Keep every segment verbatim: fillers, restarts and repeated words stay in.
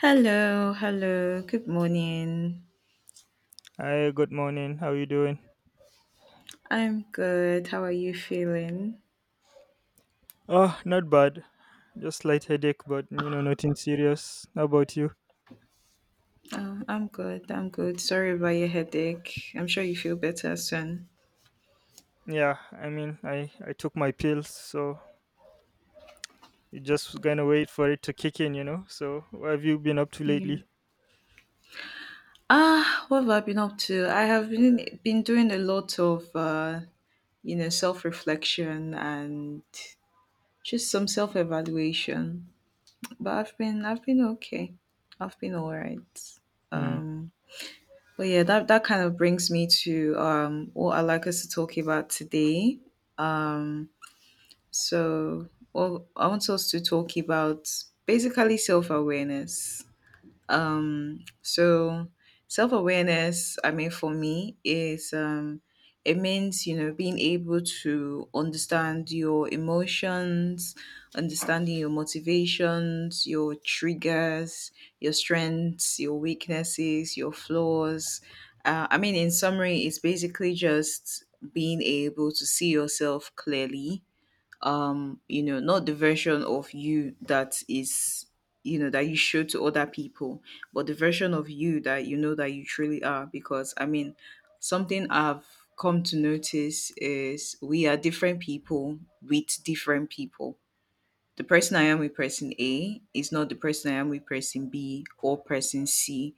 Hello, hello. Good morning. Hi, good morning. How you doing? I'm good. How are you feeling? Oh, not bad. Just slight headache, but you know, nothing serious. How about you? Oh, I'm good. I'm good. Sorry about your headache. I'm sure you feel better soon. Yeah, I mean, I I took my pills, so you just gonna wait for it to kick in, you know. So, what have you been up to Yeah. lately? Ah, what have I been up to? I have been been doing a lot of uh, you know, self-reflection and just some self-evaluation. But I've been I've been okay. I've been all right. Mm, Um. But yeah, that that kind of brings me to um what I'd like us to talk about today. Um so well, I want us to talk about basically self awareness. Um, so self awareness, I mean, for me, is um, it means you know being able to understand your emotions, understanding your motivations, your triggers, your strengths, your weaknesses, your flaws. Uh, I mean, in summary, it's basically just being able to see yourself clearly, um you know not the version of you that is, you know that you show to other people, but the version of you that you know that you truly are. Because I mean, something I've come to notice is we are different people with different people. The person I am with person A is not the person I am with person B or person C.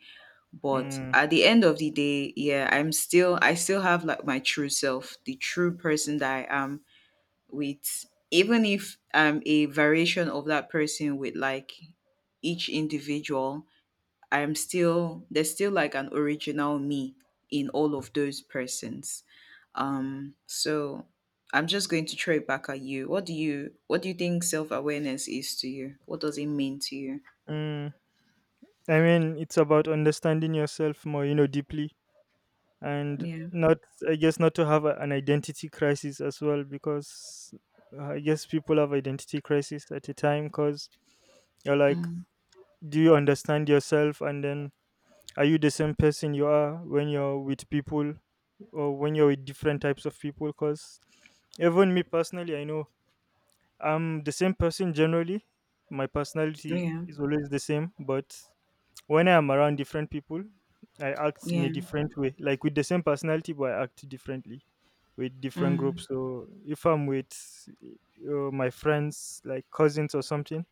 But mm, at the end of the day, yeah, i'm still i still have like my true self, the true person that I am with. Even if I'm a variation of that person with like each individual, I'm still there's still like an original me in all of those persons. Um so I'm just going to throw it back at you. What do you what do you think self awareness is to you? What does it mean to you? mm. I mean, it's about understanding yourself more, you know, deeply, and Yeah. not, I guess, not to have a, an identity crisis as well, because uh, I guess people have identity crisis at a time, cause you're like, Mm. do you understand yourself? And then are you the same person you are when you're with people or when you're with different types of people? Because even me personally, I know I'm the same person generally. My personality Yeah. is always the same, but when I am around different people, I act in a Yeah. different way, like with the same personality, but I act differently with different Mm. groups. So if I'm with uh, my friends, like cousins or something,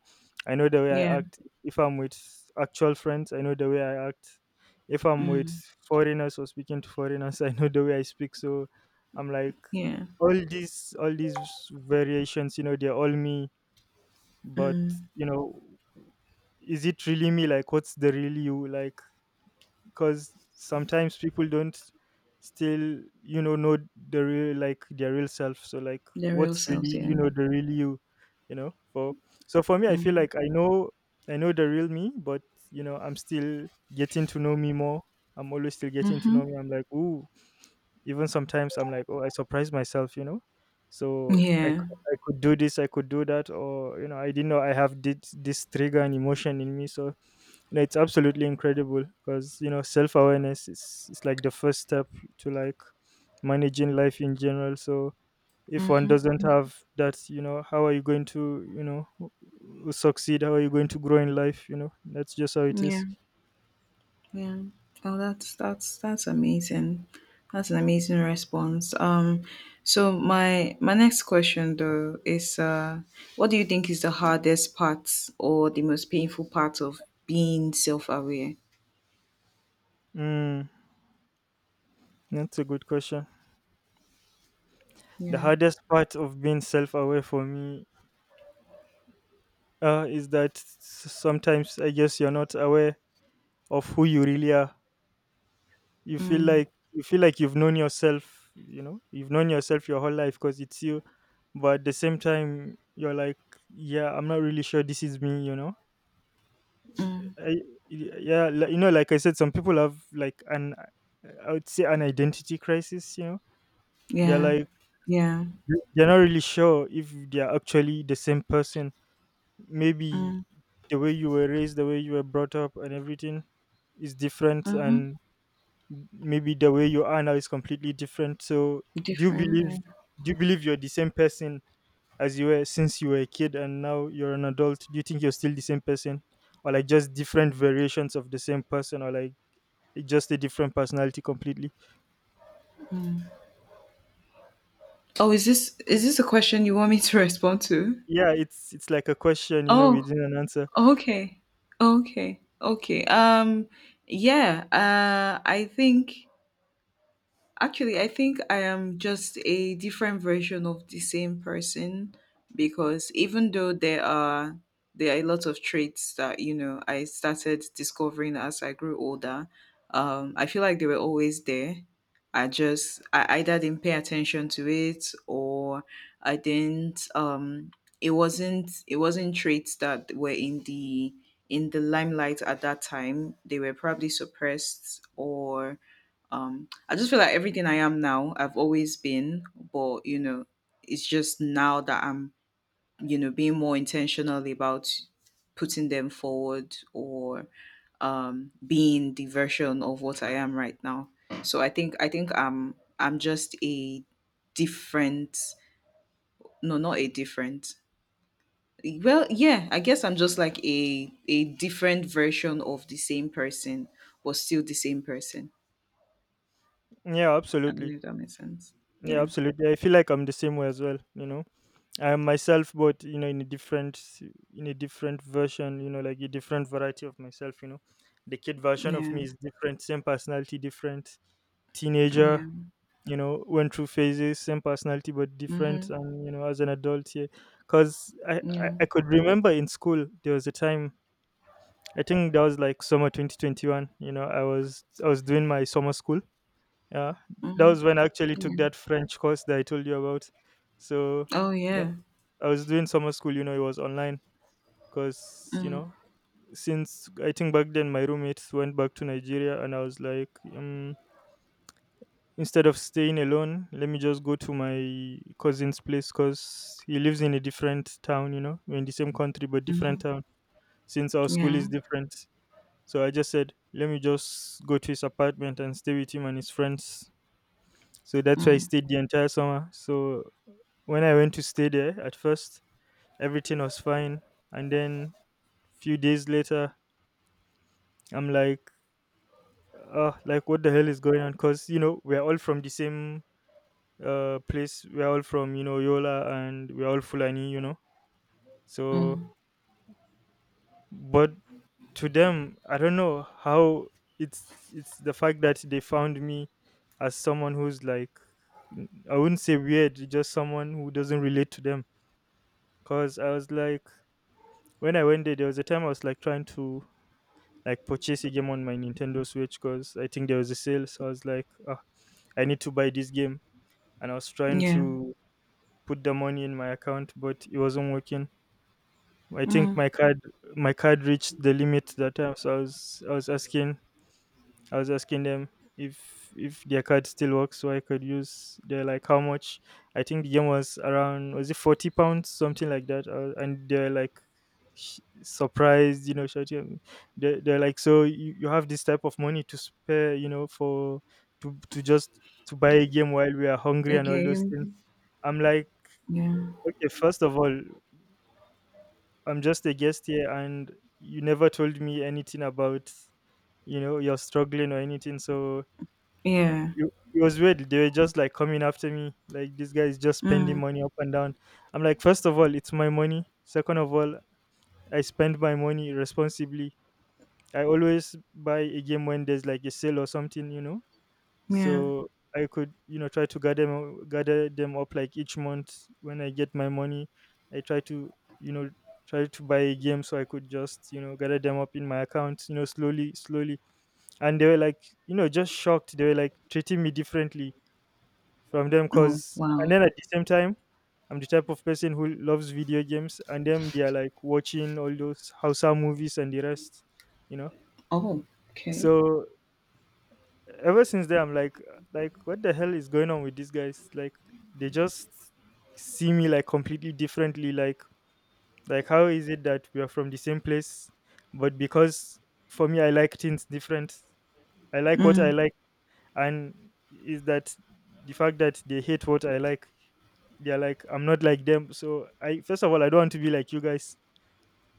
I know the way I Yeah. act if I'm with actual friends. I know the way I act if I'm with Mm. foreigners or speaking to foreigners. I know the way I speak. So I'm like, Yeah. all these all these variations. You know, they're all me. But Mm. you know, is it really me? Like, what's the real you? Like, because sometimes people don't still, you know know the real, like their real self. So like, Their real what's really, selves, yeah. you know, the real you, you know? For, so for me, I feel Mm. like I know, I know the real me, but you know, I'm still getting to know me more. I'm always still getting to know me. Mm-hmm. I'm like, ooh, even sometimes I'm like, oh, I surprise myself, you know. So i Yeah. I could do this, I could do that, or you know, I didn't know I have this, this trigger and emotion in me. So you know, it's absolutely incredible because you know, self awareness is is like the first step to, like, managing life in general. So if one Mm-hmm. doesn't Mm-hmm. have that, you know, how are you going to, you know, succeed? How are you going to grow in life? You know, that's just how it Yeah. is. Yeah. Oh, that's that's that's amazing. That's an amazing response. Um, so my my next question though is, uh, what do you think is the hardest part or the most painful part of being self-aware? Mm, that's a good question. The Yeah. hardest part of being self aware for me, uh, is that s- sometimes I guess you're not aware of who you really are. You feel Mm, like, you feel like you've known yourself, you know, you've known yourself your whole life because it's you. But at the same time, you're like, yeah, I'm not really sure this is me, you know. mm, I, yeah, li- you know, like I said, some people have like an, I would say, an identity crisis. You know, they're yeah. like, Yeah. they're not really sure if they're actually the same person. Maybe Mm, the way you were raised, the way you were brought up, and everything is different, mm-hmm. and maybe the way you are now is completely different. So, do you Different. believe Yeah. do you believe you're the same person as you were since you were a kid, and now you're an adult? Do you think you're still the same person, or like just different variations of the same person, or like just a different personality completely? Oh, is this is this a question you want me to respond to? Yeah, it's it's like a question, you know, Oh, within an answer. okay. Okay. Okay. Um, yeah, uh, I think actually, I think I am just a different version of the same person. Because even though there are there are a lot of traits that you know I started discovering as I grew older, um, I feel like they were always there. I just I either didn't pay attention to it or I didn't. Um, it wasn't it wasn't traits that were in the in the limelight at that time. They were probably suppressed, or um I just feel like everything I am now, I've always been. But you know it's just now that I'm, you know being more intentional about putting them forward, or um being the version of what I am right now. So i think i think i'm i'm just a— different, no, not a different— well yeah, I guess I'm just like a a different version of the same person, but still the same person. Yeah, I don't absolutely. know if that makes sense. Yeah, Yeah, absolutely, I feel like I'm the same way as well, you know. I am myself, but you know, in a different s- in a different version, you know, like a different variety of myself. You know, the kid version of yeah. me is different, same personality, different. Teenager, Yeah. you know, went through phases, same personality but different, Mhm. and you know, as an adult, yeah, because I, I Yeah. I could remember in school there was a time, I think that was like summer twenty twenty one. You know, I was I was doing my summer school. Yeah, that Mhm. was when I actually took Yeah. that French course that I told you about. So Oh yeah. I was doing summer school, you know, it was online because, you Mm. know, since I think back then my roommates went back to Nigeria and I was like, um, instead of staying alone, let me just go to my cousin's place because he lives in a different town. You know, we're in the same country but different Mhm. town since our school Yeah. is different. So I just said, let me just go to his apartment and stay with him and his friends. So that's why I Mm. stayed the entire summer. So when I went to stay there at first, everything was fine. And then few days later, I'm like, uh, like what the hell is going on? Cause you know we're all from the same uh place. We're all from, you know, Yola, and we're all Fulani, you know. So, Mm. but to them, I don't know how, it's it's the fact that they found me as someone who's like, n- I wouldn't say weird, just someone who doesn't relate to them. Cause I was like, when I went there, there was a time I was like trying to, like, purchase a game on my Nintendo Switch because I think there was a sale. So I was like, "Ah, I need to buy this game." And I was trying Yeah. to put the money in my account, but it wasn't working. I think Mm. my card my card reached the limit that time, so I was I was asking I was asking them if if their card still works so I could use. They're like, how much? I think the game was around, was it forty pounds, something like that. Uh, and they're like sh- surprised, you know, shouting at me. They they're like, so you, you have this type of money to spare, you know, for to to just to buy a game while we are hungry and all those Again. things. I'm like, Yeah. okay, first of all, I'm just a guest here, and you never told me anything about, you know, you're struggling or anything. So Yeah. it it was weird. They were just like coming after me. Like, this guy is just spending Mm. money up and down. I'm like, first of all, it's my money. Second of all, I spend my money responsibly. I always buy a game when there's like a sale or something, you know. Yeah. So I could, you know, try to gather them, gather them up like each month when I get my money. I try to, you know, try to buy a game so I could just, you know, gather them up in my account, you know, slowly, slowly. And they were like, you know, just shocked. They were like treating me differently from them Oh because, wow. and then at the same time I'm the type of person who loves video games, and them, they are like watching all those Hausa movies and the rest, you know. Oh. Okay. So ever since then I'm like, uh, like what the hell is going on with these guys? Like, they just see me like completely differently. like like how is it that we are from the same place, but because for me I like things different, I like what I Mm. like, and is that the fact that they hate what I like, they're like, I'm not like them? So I, first of all, I don't want to be like you guys.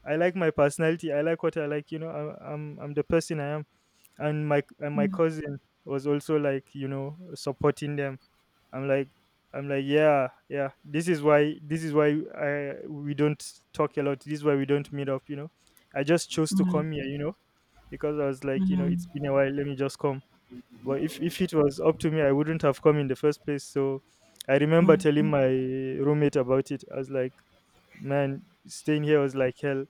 I like my personality, I like what I like, you know. I, i'm i'm the person I am. And my and my Mm. cousin was also like, you know, supporting them. I'm like, i'm like yeah yeah, this is why this is why I, we don't talk a lot, this is why we don't meet up, you know. I just chose to Mm. come here, you know, because I was like, you know, Mm. it's been a while, let me just come. But if if it was up to me, I wouldn't have come in the first place. So I remember telling Mm. my roommate about it. I was like, man, staying here was like hell.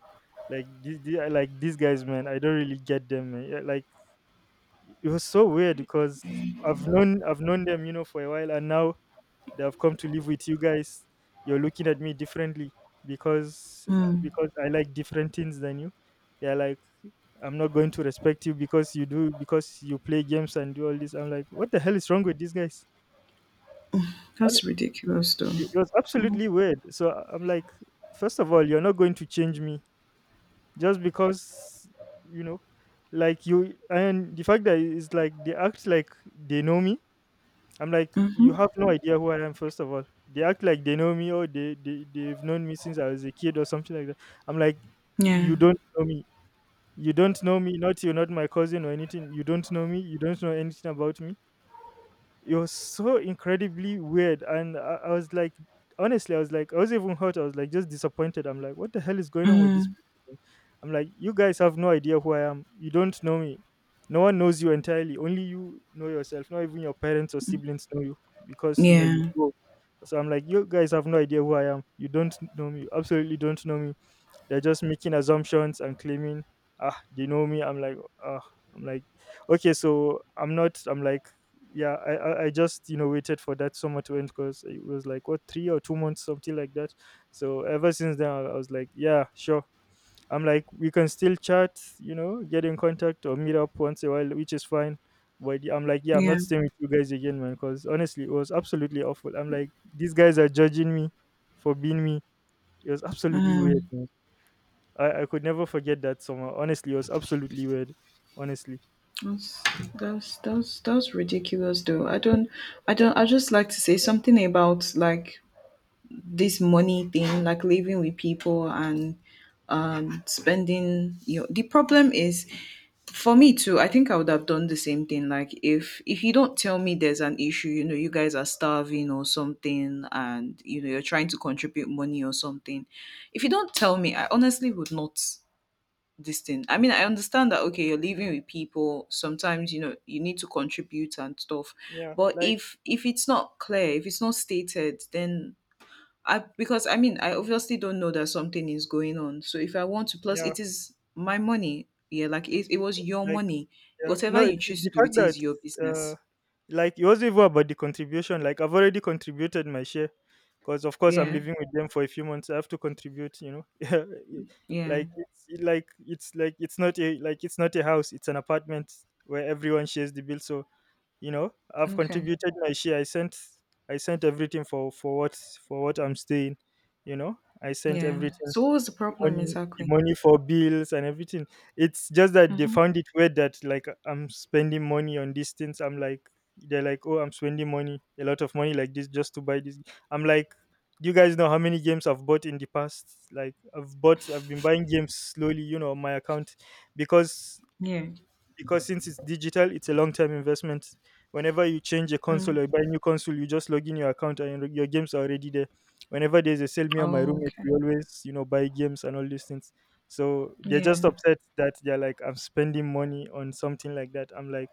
Like this, like these guys, man. I don't really get them. Man. Yeah, like it was so weird because I've known I've known them, you know, for a while, and now they have come to live with you guys. You're looking at me differently because, uh, Mm. because I like different things than you. They're like, I'm not going to respect you because you do, because you play games and do all this. I'm like, what the hell is wrong with these guys? Hon- That's ridiculous, though. It it was Mhm. absolutely weird. So I- I'm like, first of all, you're not going to change me just because, you know, like you, and the fact that it's like they act like they know me. I'm like, you Mhm. have no idea who I am. First of all, they act like they know me, or they they they've known me since I was a kid or something like that. I'm like, Yeah. you don't know me. You don't know me, not you're not my cousin or anything. You don't know me. You don't know anything about me. It was so incredibly weird. And I, I was like, honestly, I was like, I was even hurt. I was like, just disappointed. I'm like, what the hell is going on with Mm. this people? I'm like, you guys have no idea who I am. You don't know me. No one knows you entirely. Only you know yourself. Not even your parents or siblings know you because, you know, you Yeah. grow. So I'm like, you guys have no idea who I am. You don't know me. You absolutely don't know me. They're just making assumptions and claiming, ah, they know me. I'm like, ah, I'm like, okay, so I'm not. I'm like, yeah, I, I, I just you know waited for that summer to end because it was like what three or two months, something like that. So ever since then, I, I was like, yeah, sure. I'm like, we can still chat, you know, get in contact or meet up once a while, which is fine. But yeah, I'm like, yeah, I'm Yeah. not staying with you guys again, man, because honestly, it was absolutely awful. I'm like, these guys are judging me for being me. It was absolutely weird, Mm. man. I, I could never forget that summer. Honestly, it was absolutely weird. Honestly. That's that's that's that's ridiculous though. I don't I don't I just like to say something about like this money thing, like living with people and um spending. you know, the problem is, for me too, I think I would have done the same thing. Like if if you don't tell me there's an issue, you know, you guys are starving or something, and you know you're trying to contribute money or something. If you don't tell me, I honestly would not this thing. I mean, I understand that okay, you're living with people. Sometimes you know you need to contribute and stuff. Yeah. But Like, if if it's not clear, if it's not stated, then I because I mean, I obviously don't know that something is going on. So if I want to, plus yeah. it is my money. Yeah, like it, it was your Like, money. yeah. Whatever No, you it, choose the to do, fact it is that your business. uh, like it wasn't even about the contribution. Like I've already contributed my share, because of course I'm Yeah, living with them for a few months. I have to contribute. You know, Yeah, it- yeah, like it's it- like it's like it's not a like it's not a house. It's an apartment where everyone shares the bill. So you know, I've okay, contributed my share. I sent I sent everything for for what for what I'm staying. You know, I sent yeah. everything, So what was the the problem money the exactly? money for bills and everything. It's just that they Mm-hmm. found it weird that like I'm spending money on these things. I'm like, they're like, oh, I'm spending money, a lot of money like this just to buy this. I'm like, do you guys know how many games I've bought in the past? Like I've bought, I've been buying games slowly, you know, on my account because Yeah. because since it's digital, it's a long term investment. Whenever you change a console Mm. or buy a new console, you just log in your account and your your games are already there. Whenever there's a sale, me and my Oh, roommate, we okay. always, you know, buy games and all these things. So they're just Yeah. upset that they're like, I'm spending money on something like that. I'm like,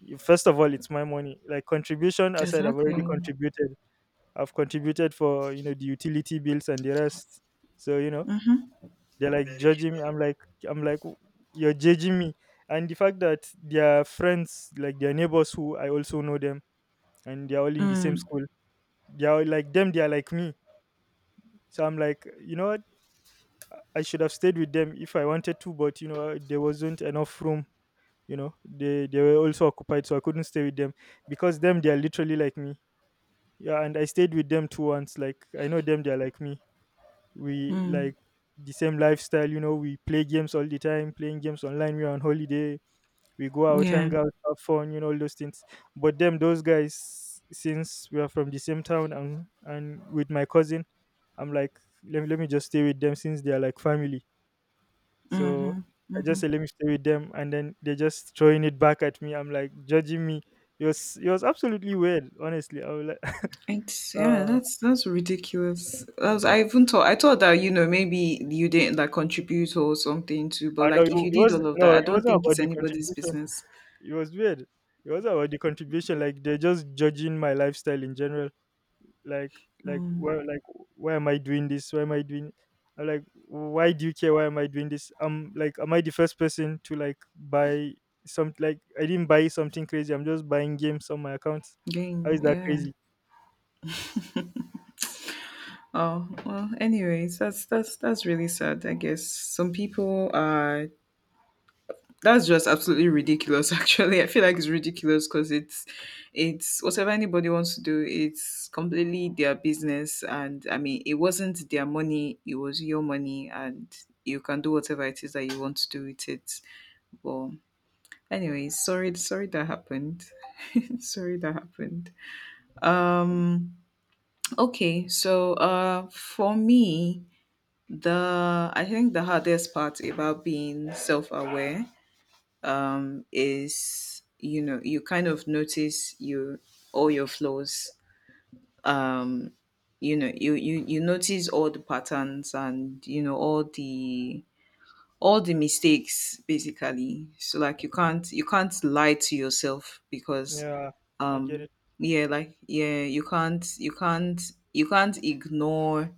"Y- first of all, it's my money. Like, contribution aside, I've Exactly. already Mm-hmm. contributed. I've contributed for, you know, the utility bills and the rest. So, you know, they're like judging me. I'm like, I'm like, "W- you're judging me." And the fact that their friends, like their neighbors who I also know them, and they're all in the same Mm. school. They're all like them, they're like me. So I'm like, you know what? I should have stayed with them if I wanted to, but you know, uh, there wasn't enough room. You know, they they were also occupied, so I couldn't stay with them because them, they are literally like me. Yeah, and I stayed with them too once. Like, I know them, they're like me. We Mm, like the same lifestyle. You know, we play games all the time, playing games online. We are on holiday, we go out, yeah. hang out, have fun, you know, all those things. But them, those guys, since we are from the same town and and with my cousin, I'm like, let me let me just stay with them since they are like family. So Mhm. I just Mhm. say, let me stay with them, and then they're just throwing it back at me. I'm like, judging me. It was it was absolutely weird, honestly. I was like, It's yeah, uh, that's that's ridiculous. I was, I even thought I thought that you know maybe you didn't like contribute or something to, but I know like it, if you it did was, all of that, no, I it don't wasn't think it's about the anybody's contribution. business. It was weird. It wasn't about the contribution. Like, they're just judging my lifestyle in general. Like, like why, like why am I doing this? Why am I doing I'm like, why do you care? Why am I doing this? I'm like, am I the first person to like buy some, like I didn't buy something crazy, I'm just buying games on my account. How is Again, that yeah. crazy? Oh well. Anyways, that's that's that's really sad. I guess some people are. That's just absolutely ridiculous actually. I feel like it's ridiculous because it's it's whatever anybody wants to do, it's completely their business. And I mean, it wasn't their money, it was your money, and you can do whatever it is that you want to do with it. But anyways, sorry sorry that happened. Sorry that happened. Um okay, so uh for me, the I think the hardest part about being self aware um, is you know you kind of notice you, all your flaws, um you know you, you you notice all the patterns, and you know all the all the mistakes, basically. So like you can't you can't lie to yourself, because Yeah, I get um it. yeah, like yeah, you can't you can't you can't ignore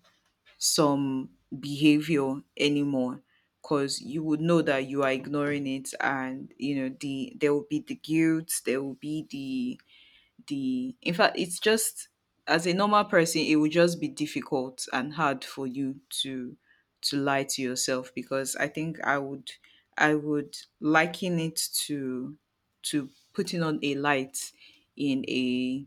some behavior anymore. Because you would know that you are ignoring it, and you know the there will be the guilt, there will be the— the in fact, it's just, as a normal person, it will just be difficult and hard for you to to lie to yourself. Because I think i would i would liken it to to putting on a light in a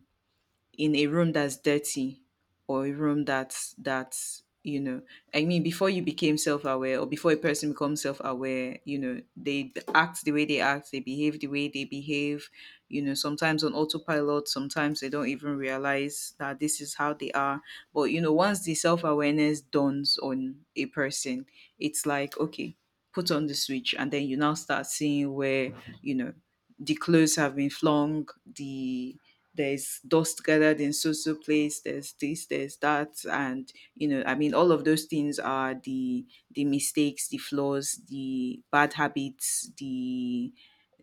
in a room that's dirty, or a room that's that's you know I mean, before you became self-aware, or before a person becomes self-aware, you know they act the way they act, they behave the way they behave, you know sometimes on autopilot, sometimes they don't even realize that this is how they are. But you know once the self-awareness dawns on a person, it's like okay, put on the switch, and then you now start seeing where, you know the clothes have been flung, the— there's dust gathered in so so place, there's this, there's that. And you know I mean, all of those things are the the mistakes, the flaws, the bad habits, the—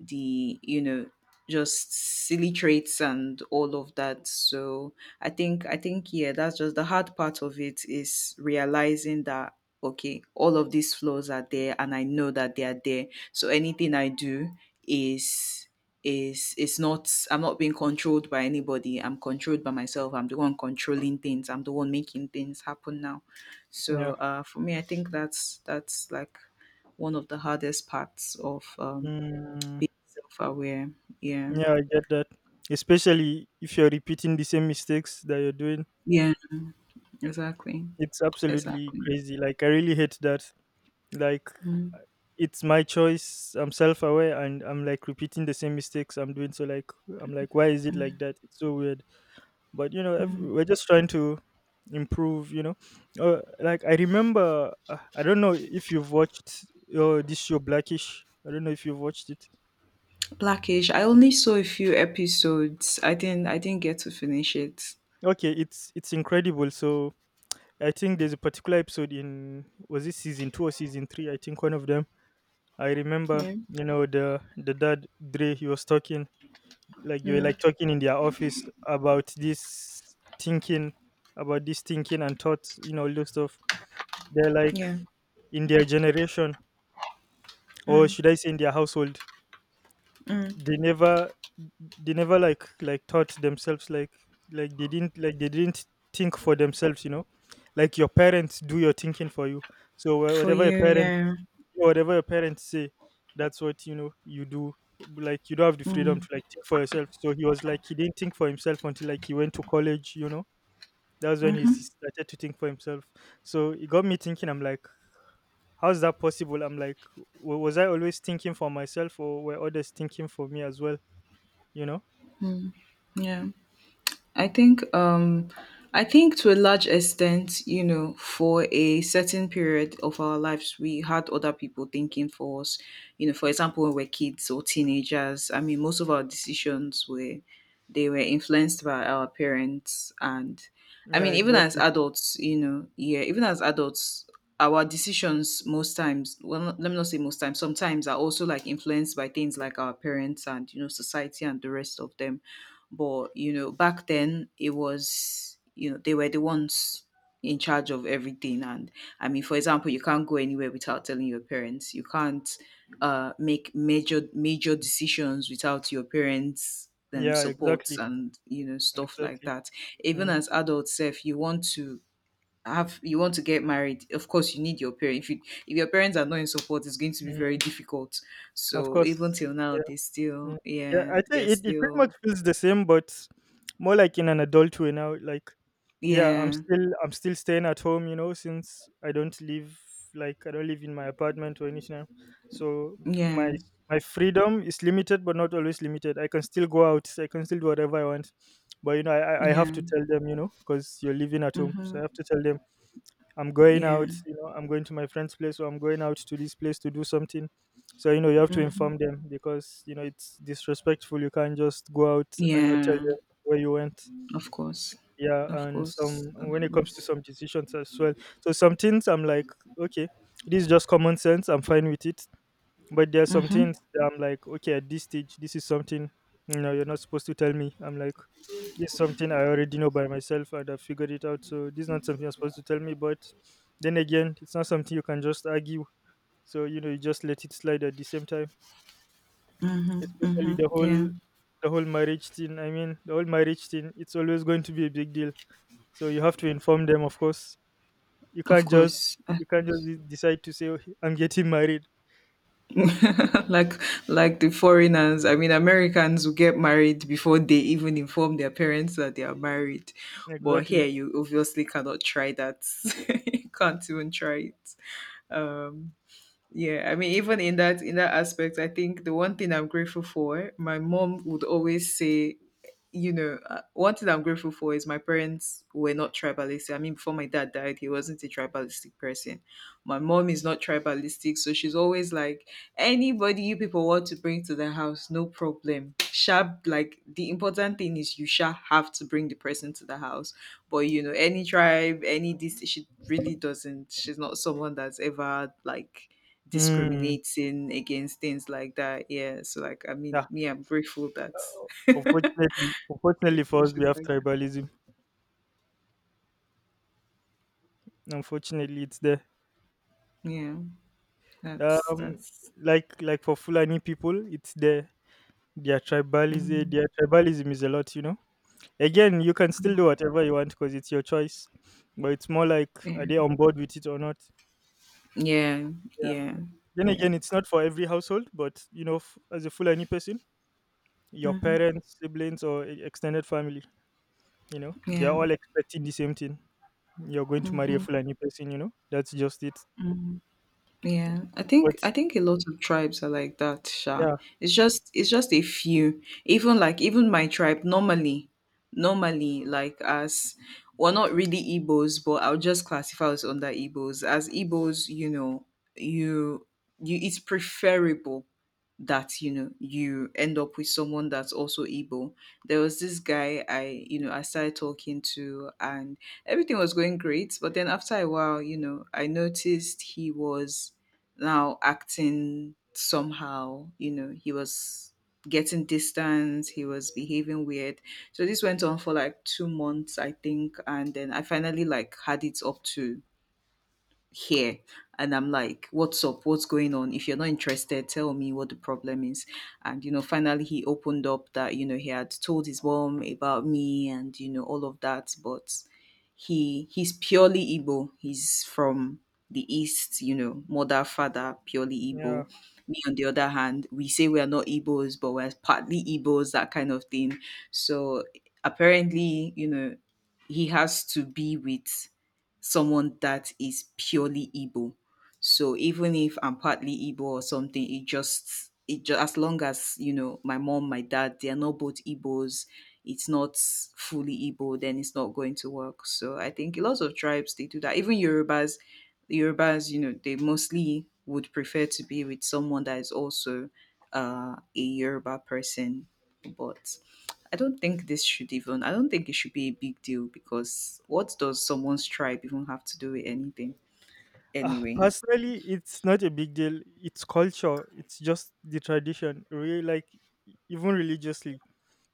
the you know just silly traits, and all of that. So i think i think yeah, that's just the hard part of it, is realizing that okay, all of these flaws are there, and I know that they are there. So anything I do is is it's not— I'm not being controlled by anybody, I'm controlled by myself, I'm the one controlling things, I'm the one making things happen now. So Yeah. uh for me, I think that's that's like one of the hardest parts of um mm, self-aware. Yeah. yeah, I get that, especially if you're repeating the same mistakes that you're doing. Yeah, exactly. It's absolutely Exactly. crazy. Like, I really hate that. Like, Mm, uh, it's my choice. I'm self-aware and I'm like repeating the same mistakes I'm doing, so like, I'm like, why is it like that? It's so weird. But you know, ev mm. we're just trying to improve, you know. Uh, like I remember, uh, I don't know if you've watched, uh, this show Blackish. I don't know if you've watched it. Blackish, I only saw a few episodes, i didn't i didn't get to finish it. Okay, it's it's incredible. So I think there's a particular episode in, was it season two or season three? I think one of them. I remember, Yeah. you know, the the dad Dre, he was talking. Like, they were Mm, like talking in their office about this thinking, about this thinking and thoughts, you know, all those stuff. They're like, yeah. in their generation, or Mm, should I say in their household, mm. they never they never like, like taught themselves. Like, like they didn't, like they didn't think for themselves, you know. Like, your parents do your thinking for you. So wha- For whatever your you, parents, yeah. whatever your parents say, that's what, you know, you do. Like, you don't have the freedom Mm, to like think for yourself. So he was like, he didn't think for himself until like he went to college, you know. That's when he mm-hmm. s- started to think for himself. So it got me thinking. I'm like, how's that possible? I'm like, wa- was I always thinking for myself, or were others thinking for me as well, you know? Yeah, I think um I think to a large extent, you know, for a certain period of our lives, we had other people thinking for us. You know, for example, when we're kids or teenagers, I mean, most of our decisions were— they were influenced by our parents, and I Yeah, mean, even as exactly. adults, you know, yeah, even as adults, our decisions most times, well, not— let me not say most times, sometimes are also like influenced by things like our parents and you know society and the rest of them. But you know, back then it was, you know, they were the ones in charge of everything. And I mean, for example, you can't go anywhere without telling your parents. You can't uh, make major major decisions without your parents', um, Yeah, supports, exactly. and you know stuff like Exactly. that. Even Mm. as adults, self, you want to have— you want to get married. Of course, you need your parents. If you if your parents are not in support, it's going to be very Mm. difficult. Of So even course. till now, Yeah. they Yeah, still— yeah, yeah, I they're think it, it pretty much still— feels the same, but more like in an adult way now. Like, yeah, I'm yeah. still I'm still staying at home, you know, since I don't live, like I don't live in my apartment or anything else. So my Yeah, my freedom is limited, but not always limited. I can still go out. I can still do whatever I want. But you know, I I I have yeah. to tell them, you know, because you're living at home, so I Mhm. have to tell them I'm going Yeah. out. You know, I'm going to my friend's place, or I'm going out to this place to do something. So you know, you have to Mhm. inform them because you know it's disrespectful. You can't just go out and not tell Yeah. them where you went. Of course. Yeah, Of and course. some, Of when it comes to course. some decisions as well. So some things I'm like, okay, this is just common sense, I'm fine with it. But there are some Mhm. things that I'm like, okay, at this stage, this is something, you know, you're not supposed to tell me. I'm like, this is something I already know by myself, and I figured it out, so this is not something you're supposed to tell me. But then again, it's not something you can just argue, so you know, you just let it slide at the same time. Mhm. Especially Mhm. the Yeah. whole, the whole marriage thing. I mean, the whole marriage thing, it's always going to be a big deal. So you have to inform them, of course. You Of can't just, course. Of you can't just course. de- decide to say, "Okay, I'm getting married." Like, like the foreigners, I mean Americans who get married before they even inform their parents that they are married. But here Exactly. you obviously cannot try that. You can't even try it. Um. Yeah, I mean, even in that in that aspect, I think the one thing I'm grateful for, my mom would always say, you know, uh, one thing I'm grateful for is my parents were not tribalistic. I mean, before my dad died, he wasn't a tribalistic person. My mom is not tribalistic, so she's always like, anybody you people want to bring to the house, no problem. Sharp, like the important thing is you shall have to bring the person to the house. But you know, any tribe, any this, she really doesn't. She's not someone that's ever like Hmm. discriminating against things like that. Yeah. So like I mean Yeah. me, I'm grateful that grateful Unfortunately, unfortunately for us, we she's have like tribalism. Unfortunately, it's there. that. Yeah. That's Um, that's like, like for Fulani people, it's there. Their tribalism, mhm. their tribalism is a lot. You know. Again, you can still do whatever you want because it's your choice. But it's more like, are Yeah. they on board with it or not? Yeah. Yeah. Yeah. Then Yeah. again, it's not for every household, but you know, f- as a Fulani person, your Hmm. parents, siblings, or e- extended family, you know, they're Yeah. all expecting the same thing. You're going to marry a Fulani person, you know, that's just it. Mm-hmm. Yeah, I think But I think a lot of tribes are like that, Sha. yeah, It's just it's just a few. Even like even my tribe normally, normally like as we're not really Igbos, but I'll just classify us under Igbos. As Igbos, you know, you you it's preferable that you know you end up with someone that's also Igbo. There was this guy I you know I started talking to, and everything was going great, but then after a while, you know, I noticed he was now acting somehow, you know, he was getting distance, he was behaving weird. So this went on for like two months I think, and then I finally like had it up to here, and I'm like, what's up, what's going on? If you're not interested, tell me what the problem is. And you know finally he opened up that you know he had told his mom about me and you know all of that, but he he's purely Igbo. He's from the east, you know, mother, father, purely yeah. Igbo. Me on the other hand, we say we are not Igbos, but we're partly Igbos, that kind of thing. So apparently, you know, he has to be with someone that is purely Igbo. So even if I'm partly Igbo or something, it just it just as long as you know my mom, my dad, they are not both Igbos, it's not fully Igbo, then it's not going to work. So I think a lot of tribes they do that. Even Yorubas, Yorubas, you know, they mostly would prefer to be with someone that is also uh, a Yoruba person. But I don't think this should even. I don't think it should be a big deal because what does someone's tribe even have to do with anything? Uh, Anyway. personally, it's not a big deal. It's culture, it's just the tradition. Really, like, e- even religiously,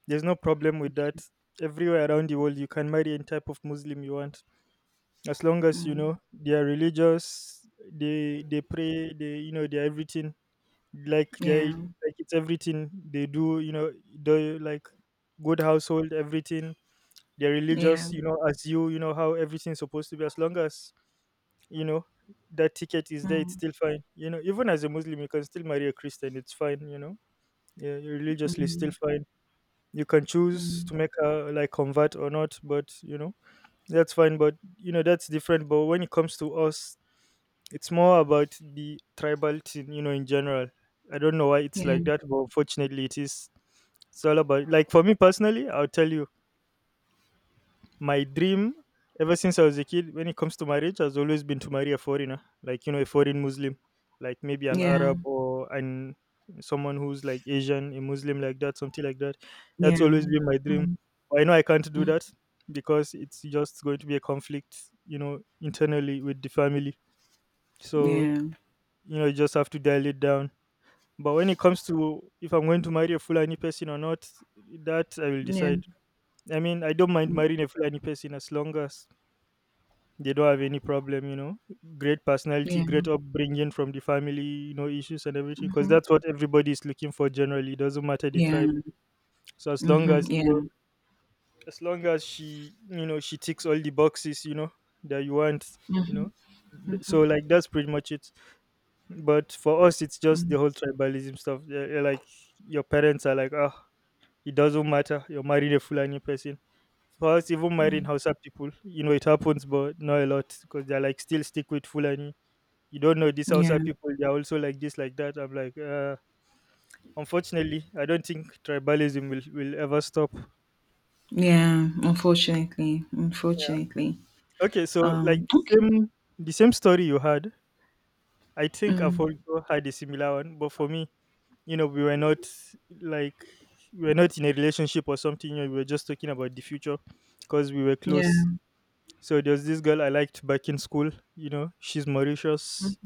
there's no problem with that. Everywhere around the world, you can marry any type of Muslim you want, as long as you Mm, know they are religious, they they pray, they you know they are everything like they yeah. like it's everything they do you know the like good household everything they're Yeah. religious you know as you you know how everything's supposed to be as long as you know that ticket is there. It's Mm, still fine, you know, even as a Muslim you can still marry a Christian. It's fine, you know, yeah, you're religiously still mm, fine. You can choose to mm, make her like convert or not, but you know that's fine. But you know that's different. But when it comes to us, it's more about the tribal thing, you know, in general. I don't know why it's yeah. like that, but unfortunately, it is. It's all about, like, for me personally, I'll tell you, my dream ever since I was a kid, when it comes to marriage, has always been to marry a foreigner, like, you know, a foreign Muslim, like maybe an Arab Yeah. or an someone who's like Asian, a Muslim, like that, something like that. Yeah. That's always been my dream. Mm, But I know I can't do mm, that because it's just going to be a conflict, you know, internally with the family. So yeah. you know you just have to dial it down. But when it comes to if I'm going to marry a Fulani person or not, that I will Yeah. decide. I mean, I don't mind marrying a Fulani person as long as they don't have any problem, you know, great personality, Yeah. great upbringing from the family, you know, issues and everything, because Mhm. that's what everybody is looking for generally. It doesn't matter the Yeah. tribe. So as long Mhm. as you know, Yeah. as long as she you know she ticks all the boxes, you know that you want, you Mhm. know Th- so like that's pretty much it. But for us, it's just the whole tribalism stuff. Yeah, yeah, like your parents are like, oh, it doesn't matter. You're married a Fulani person. For us, even marrying Hausa people, you know, it happens, but not a lot because they're like still stick with Fulani. You don't know these Hausa Yeah. people. They're also like this, like that. I'm like, uh, unfortunately, I don't think tribalism will will ever stop. Yeah. Unfortunately. Yeah. Unfortunately. Okay. So like Um. the Okay. same the same story you had. I think I've Mm. also had a similar one, but for me, you know we were not like we were not in a relationship or something, you know, we were just talking about the future because we were close. Yeah. So there was this girl I liked back in school. You know, she's Mauritius,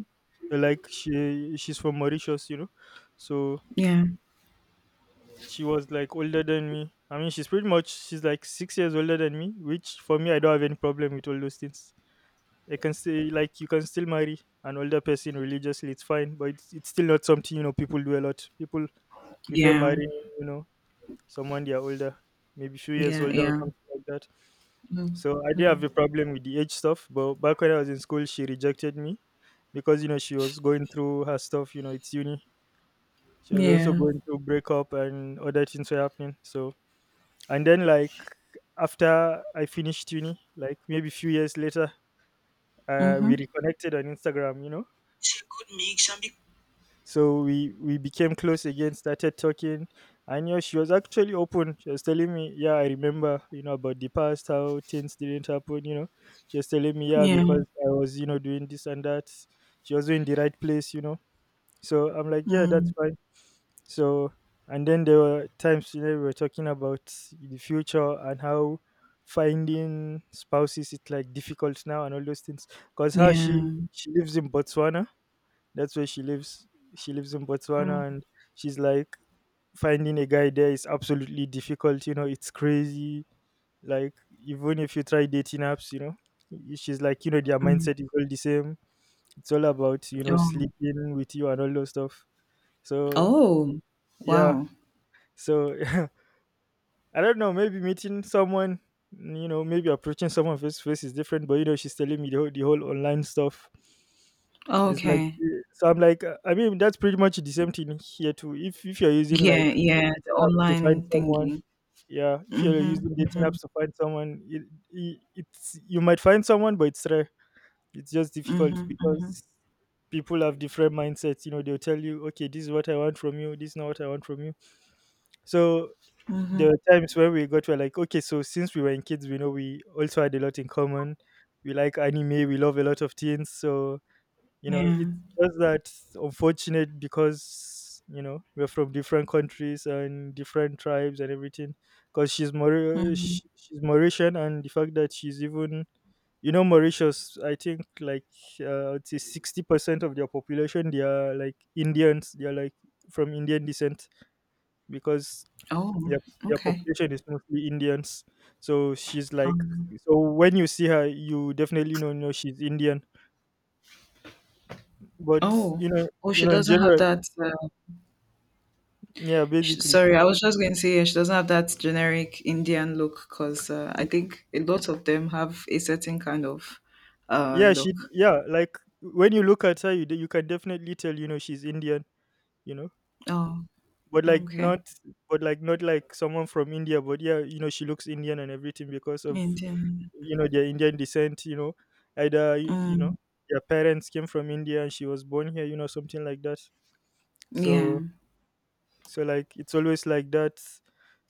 like she she's from Mauritius, you know. So Yeah. she was like older than me. I mean, she's pretty much she's like six years older than me, which for me, I don't have any problem with all those things. I can say like you can still marry an older person. Religiously, it's fine, but it's, it's still not something, you know, people do a lot. People prefer Yeah. marrying, you know, someone they are older, maybe few years Yeah. older or Yeah. something like that. Mm. So I did Mm. have a problem with the age stuff, but back when I was in school, she rejected me because you know she was going through her stuff. You know, it's uni. She was also Yeah. going through breakup and other things were happening. So and then like after I finished uni, like maybe few years later, uh, we Mhm. reconnected on Instagram. You know, It's a good mix and be- so we we became close again, started talking. I knew she was actually open. She was telling me, yeah, I remember, you know, about the past, how things didn't happen, you know. She was telling me, yeah, Yeah. because I was, you know, doing this and that. She was in the right place, you know. So I'm like, yeah, Mm. that's fine. So and then there were times you know we were talking about the future and how finding spouses is like difficult now and all those things, because how she Yeah. she lives in Botswana. That's where she lives. She lives in Mm. Botswana, and she's like, finding a guy there is absolutely difficult. You know, it's crazy. Like even if you try dating apps, you know, y- she's like, you know, their Mm. mindset is all the same. It's all about you know Oh. sleeping with you and all those stuff. So Oh. yeah, Wow. so I don't know, maybe meeting someone, you know, maybe approaching someone face to face is different, but you know, she's telling me the whole, the whole online stuff. It's like, Okay. eh, so I'm like, uh, I mean, that's pretty much the same thing here too. If if you're using Yeah. like Yeah. The dating apps to find online someone, thingy. yeah, if you're Mhm. using dating Mhm. apps to find someone, it, it, it's you might find someone, but it's rare. It's just difficult Mhm. Mhm. because people have different mindsets. You know, they'll tell you, okay, this is what I want from you, this is not what I want from you. So there Mhm. were times when we got we're like, okay, so since we were in kids, we know we also had a lot in common. We like anime, we love a lot of things. So, you know, Yeah. it's just that unfortunate because, you know, we're from different countries and different tribes and everything. Because she's, Maur- mm-hmm. sh- she's Mauritian, and the fact that she's even, you know, Mauritius, I think like, uh, I'd say sixty percent of their population, they are like Indians, they are like from Indian descent because Oh, Yep, their okay. population is mostly Indians. So she's like, Um, so when you see her, you definitely know, know she's Indian. But oh, you know, oh, you she know, in doesn't have general, that. Uh, yeah, sh basically, sorry, I was just going to say yeah, she doesn't have that generic Indian look because uh, I y- think a lot of them have a certain kind of uh yeah, she, look. yeah, like when you look at her, you d- you can definitely tell, you know, she's Indian. You know, Oh, but like okay, not, but like not like someone from India. But yeah, you know, she looks Indian and everything because of Indian. you know their Indian descent. You know, either y- you know Mm, their parents came from India and she was born here. You know, something like that. yeah, So so like it's always like that.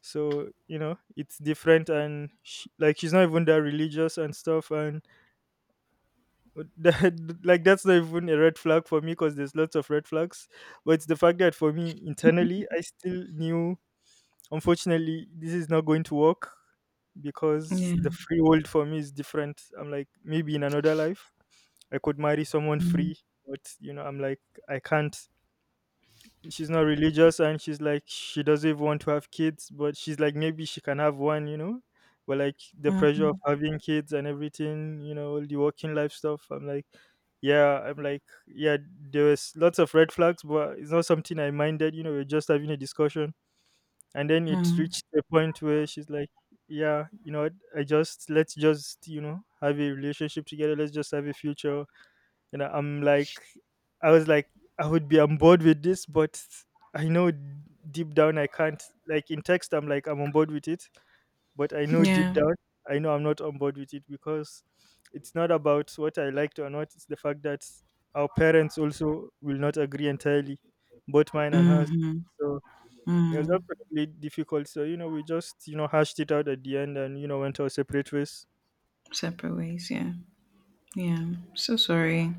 So you know it's different and sh like she's not even that religious and stuff, and that like that's not even a red flag for me because there's lots of red flags. But it's the fact that for me internally I still knew unfortunately this is not going to work, because yeah, the free world for me is different. I'm like maybe in another life I could marry someone mm, free, but you know I'm like I can't. She's not religious and she's like she doesn't even want to have kids, but she's like maybe she can have one, you know. But like the pressure mm, of having kids and everything, you know, all the working life stuff, I'm like yeah, I'm like yeah, there was lots of red flags but it's not something I minded. You know, we're just having a discussion. And then it mm, reached a point where she's like, yeah, you know what, I just let's just you know have a relationship together, let's just have a future, you know. I'm like, I was like, I would be on board with this, but I know deep down I can't. Like in text I'm like I'm on board with it, but I know deep yeah, down I know I'm not on board with it, because it's not about what I liked or not. It's the fact that our parents also will not agree entirely, both mine and hers. mm-hmm, So it was mm. absolutely difficult. So you know we just you know hashed it out at the end and you know went our separate ways. Separate ways. Yeah, yeah. So sorry.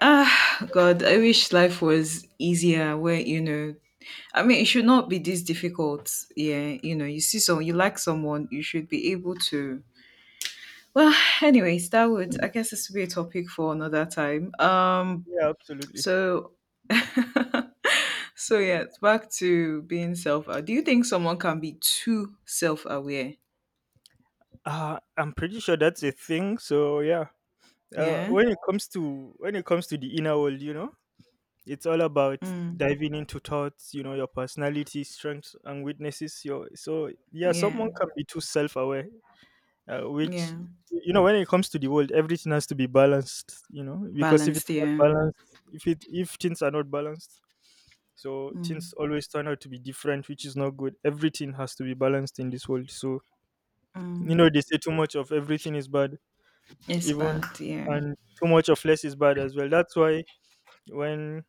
Ah, God, I wish life was easier where, you know, I mean, it should not be this difficult. Yeah, you know, you see someone, you like someone, you should be able to. Well, anyways, that would, I guess, this would be a topic for another time. Um, yeah, absolutely. so, so yeah, back to being self aware. Do you think someone can be too self aware? Uh, I'm pretty sure that's a thing. So yeah, uh, Yeah. when it comes to when it comes to the inner world, you know, it's all about Mm, diving into thoughts. You know, your personality, strengths, and weaknesses. Your so yeah, yeah. someone can be too self-aware. Uh, which, Yeah. you know when it comes to the world, everything has to be balanced, you know because if Balanced. it's not Yeah. balanced, if it if things are not balanced, so Mm, things always turn out to be different, which is not good. Everything has to be balanced in this world, so you know mm. they say too much of everything is bad. It's Even bad. Yeah. and too much of less is bad as well. That's why when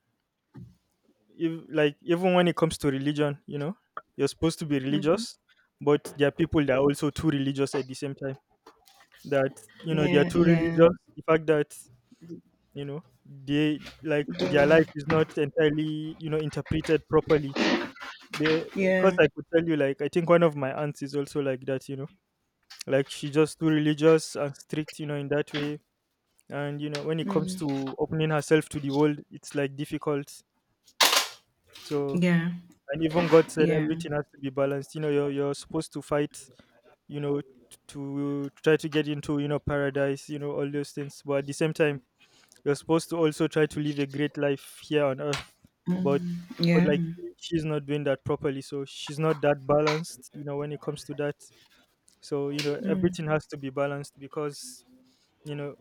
if like even when it comes to religion, you know you're supposed to be Mm-hmm. religious, but there are people that are also too religious at the same time, that you know they are Yeah, too yeah, religious. The fact that you know they like do, their life is not entirely you know interpreted properly, because yeah, I could tell you, like, I think one of my aunts is also like that, you know like she's just too religious and strict, you know in that way. And you know when it comes mm, to opening herself to the world, it's like difficult. So yeah, and even God said yeah, everything has to be balanced, you know you're, you're supposed to fight, you know to try to get into, you know paradise, you know all those things. But at the same time, you're supposed to also try to live a great life here on earth, but mm, but yeah, like she's not doing that properly, so she's not that balanced, you know, when it comes to that. So, you know, mm, everything has to be balanced, because, you know,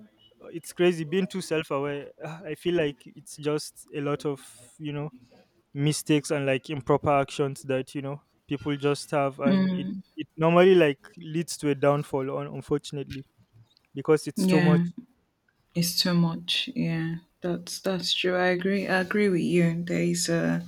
it's crazy being too self-aware. Ah, I feel like it's just a lot of, you know, mistakes and like improper actions that, you know, people just have. And it mm, it normally like leads to a downfall, un- unfortunately, because it's too yeah. much. It's too much. Yeah, that's that's true. I agree. I agree with you. There is a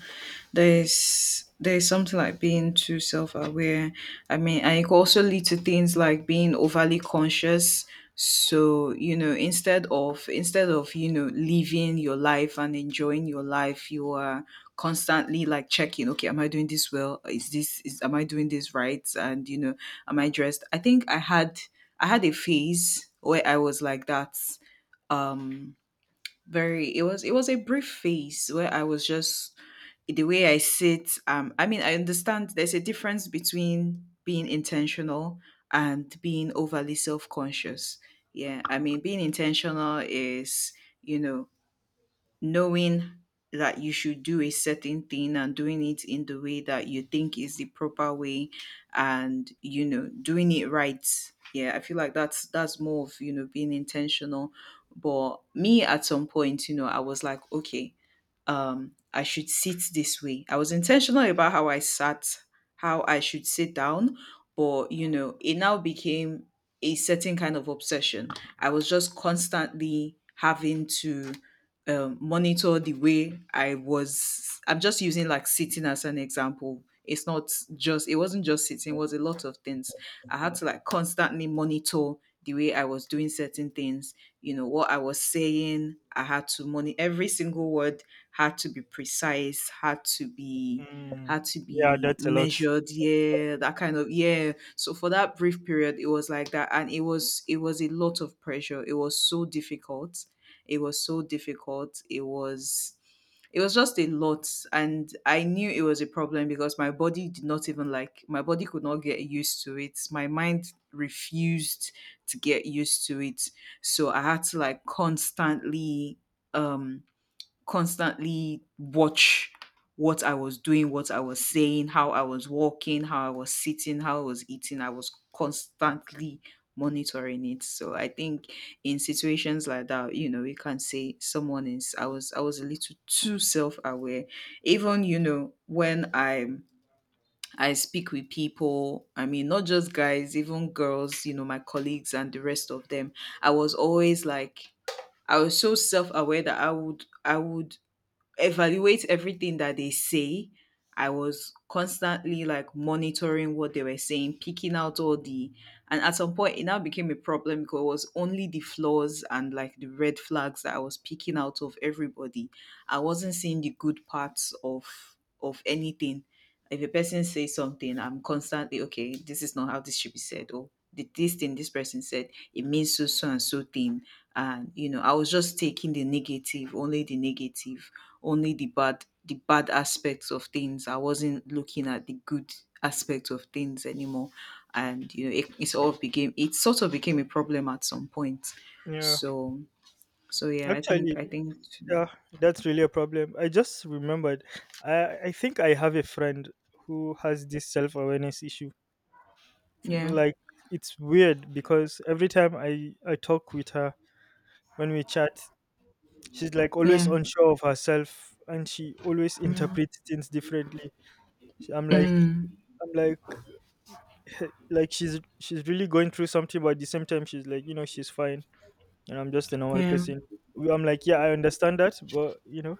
there's there's something like being too self-aware. I mean, and it could also lead to things like being overly conscious. So you know instead of instead of you know living your life and enjoying your life, you are constantly like checking, okay, am I doing this well, is this is am I doing this right? And you know am I dressed? I think i had i had a phase where I was like that. Um, very, it was it was a brief phase where I was just the way I sit. Um, I mean, I understand there's a difference between being intentional and being overly self-conscious. Yeah, I mean, being intentional is, you know knowing that you should do a certain thing and doing it in the way that you think is the proper way, and you know doing it right. Yeah, I feel like that's that's more of, you know being intentional. But me at some point, you know I was like, okay, um, I should sit this way. I was intentional about how I sat, how I should sit down, but you know, it now became a certain kind of obsession. I was just constantly having to um, monitor the way I was. I'm just using like sitting as an example. It's not just, it wasn't just sitting, it was a lot of things. I had to like constantly monitor the way I was doing certain things, you know, what I was saying. I had to monitor every single word. Had to be precise, had to be, Mm, had to yeah, be that's a lot. measured, yeah, that kind of yeah. So for that brief period it was like that, and it was it was a lot of pressure. It was so difficult. It was so difficult. It was it was just a lot, and I knew it was a problem because my body did not even like my body could not get used to it, my mind refused to get used to it. So I had to like constantly, um, constantly watch what I was doing, what I was saying, how I was walking, how I was sitting, how I was eating. I was constantly monitoring it. So I think in situations like that, you know, you can say someone is, I was, I was a little too self-aware. Even, you know, when I'm I speak with people, I mean not just guys, even girls, you know, my colleagues and the rest of them. I was always like, I was so self-aware that I would I would evaluate everything that they say. I was constantly like monitoring what they were saying, picking out all the, and at some point it now became a problem because it was only the flaws and like the red flags that I was picking out of everybody. I wasn't seeing the good parts of of anything. If a person says something, I'm constantly okay. This is not how this should be said. Or "Did this thing this person said it means so so and so thing, and you know I was just taking the negative, only the negative, only the bad, the bad aspects of things. I wasn't looking at the good aspects of things anymore, and you know it, it sort of became it sort of became a problem at some point. Yeah, So so yeah, I think actually, I think yeah, that's really a problem. I just remembered. I I think I have a friend who has this self awareness issue. yeah Like, it's weird because every time I I talk with her, when we chat, she's like always yeah unsure of herself and she always interprets things differently. She- I'm like, mm, I'm like like she's she's really going through something, but at the same time she's like, you know, she's fine and I'm just a normal yeah person. We- I'm like, yeah, I understand that, but you know,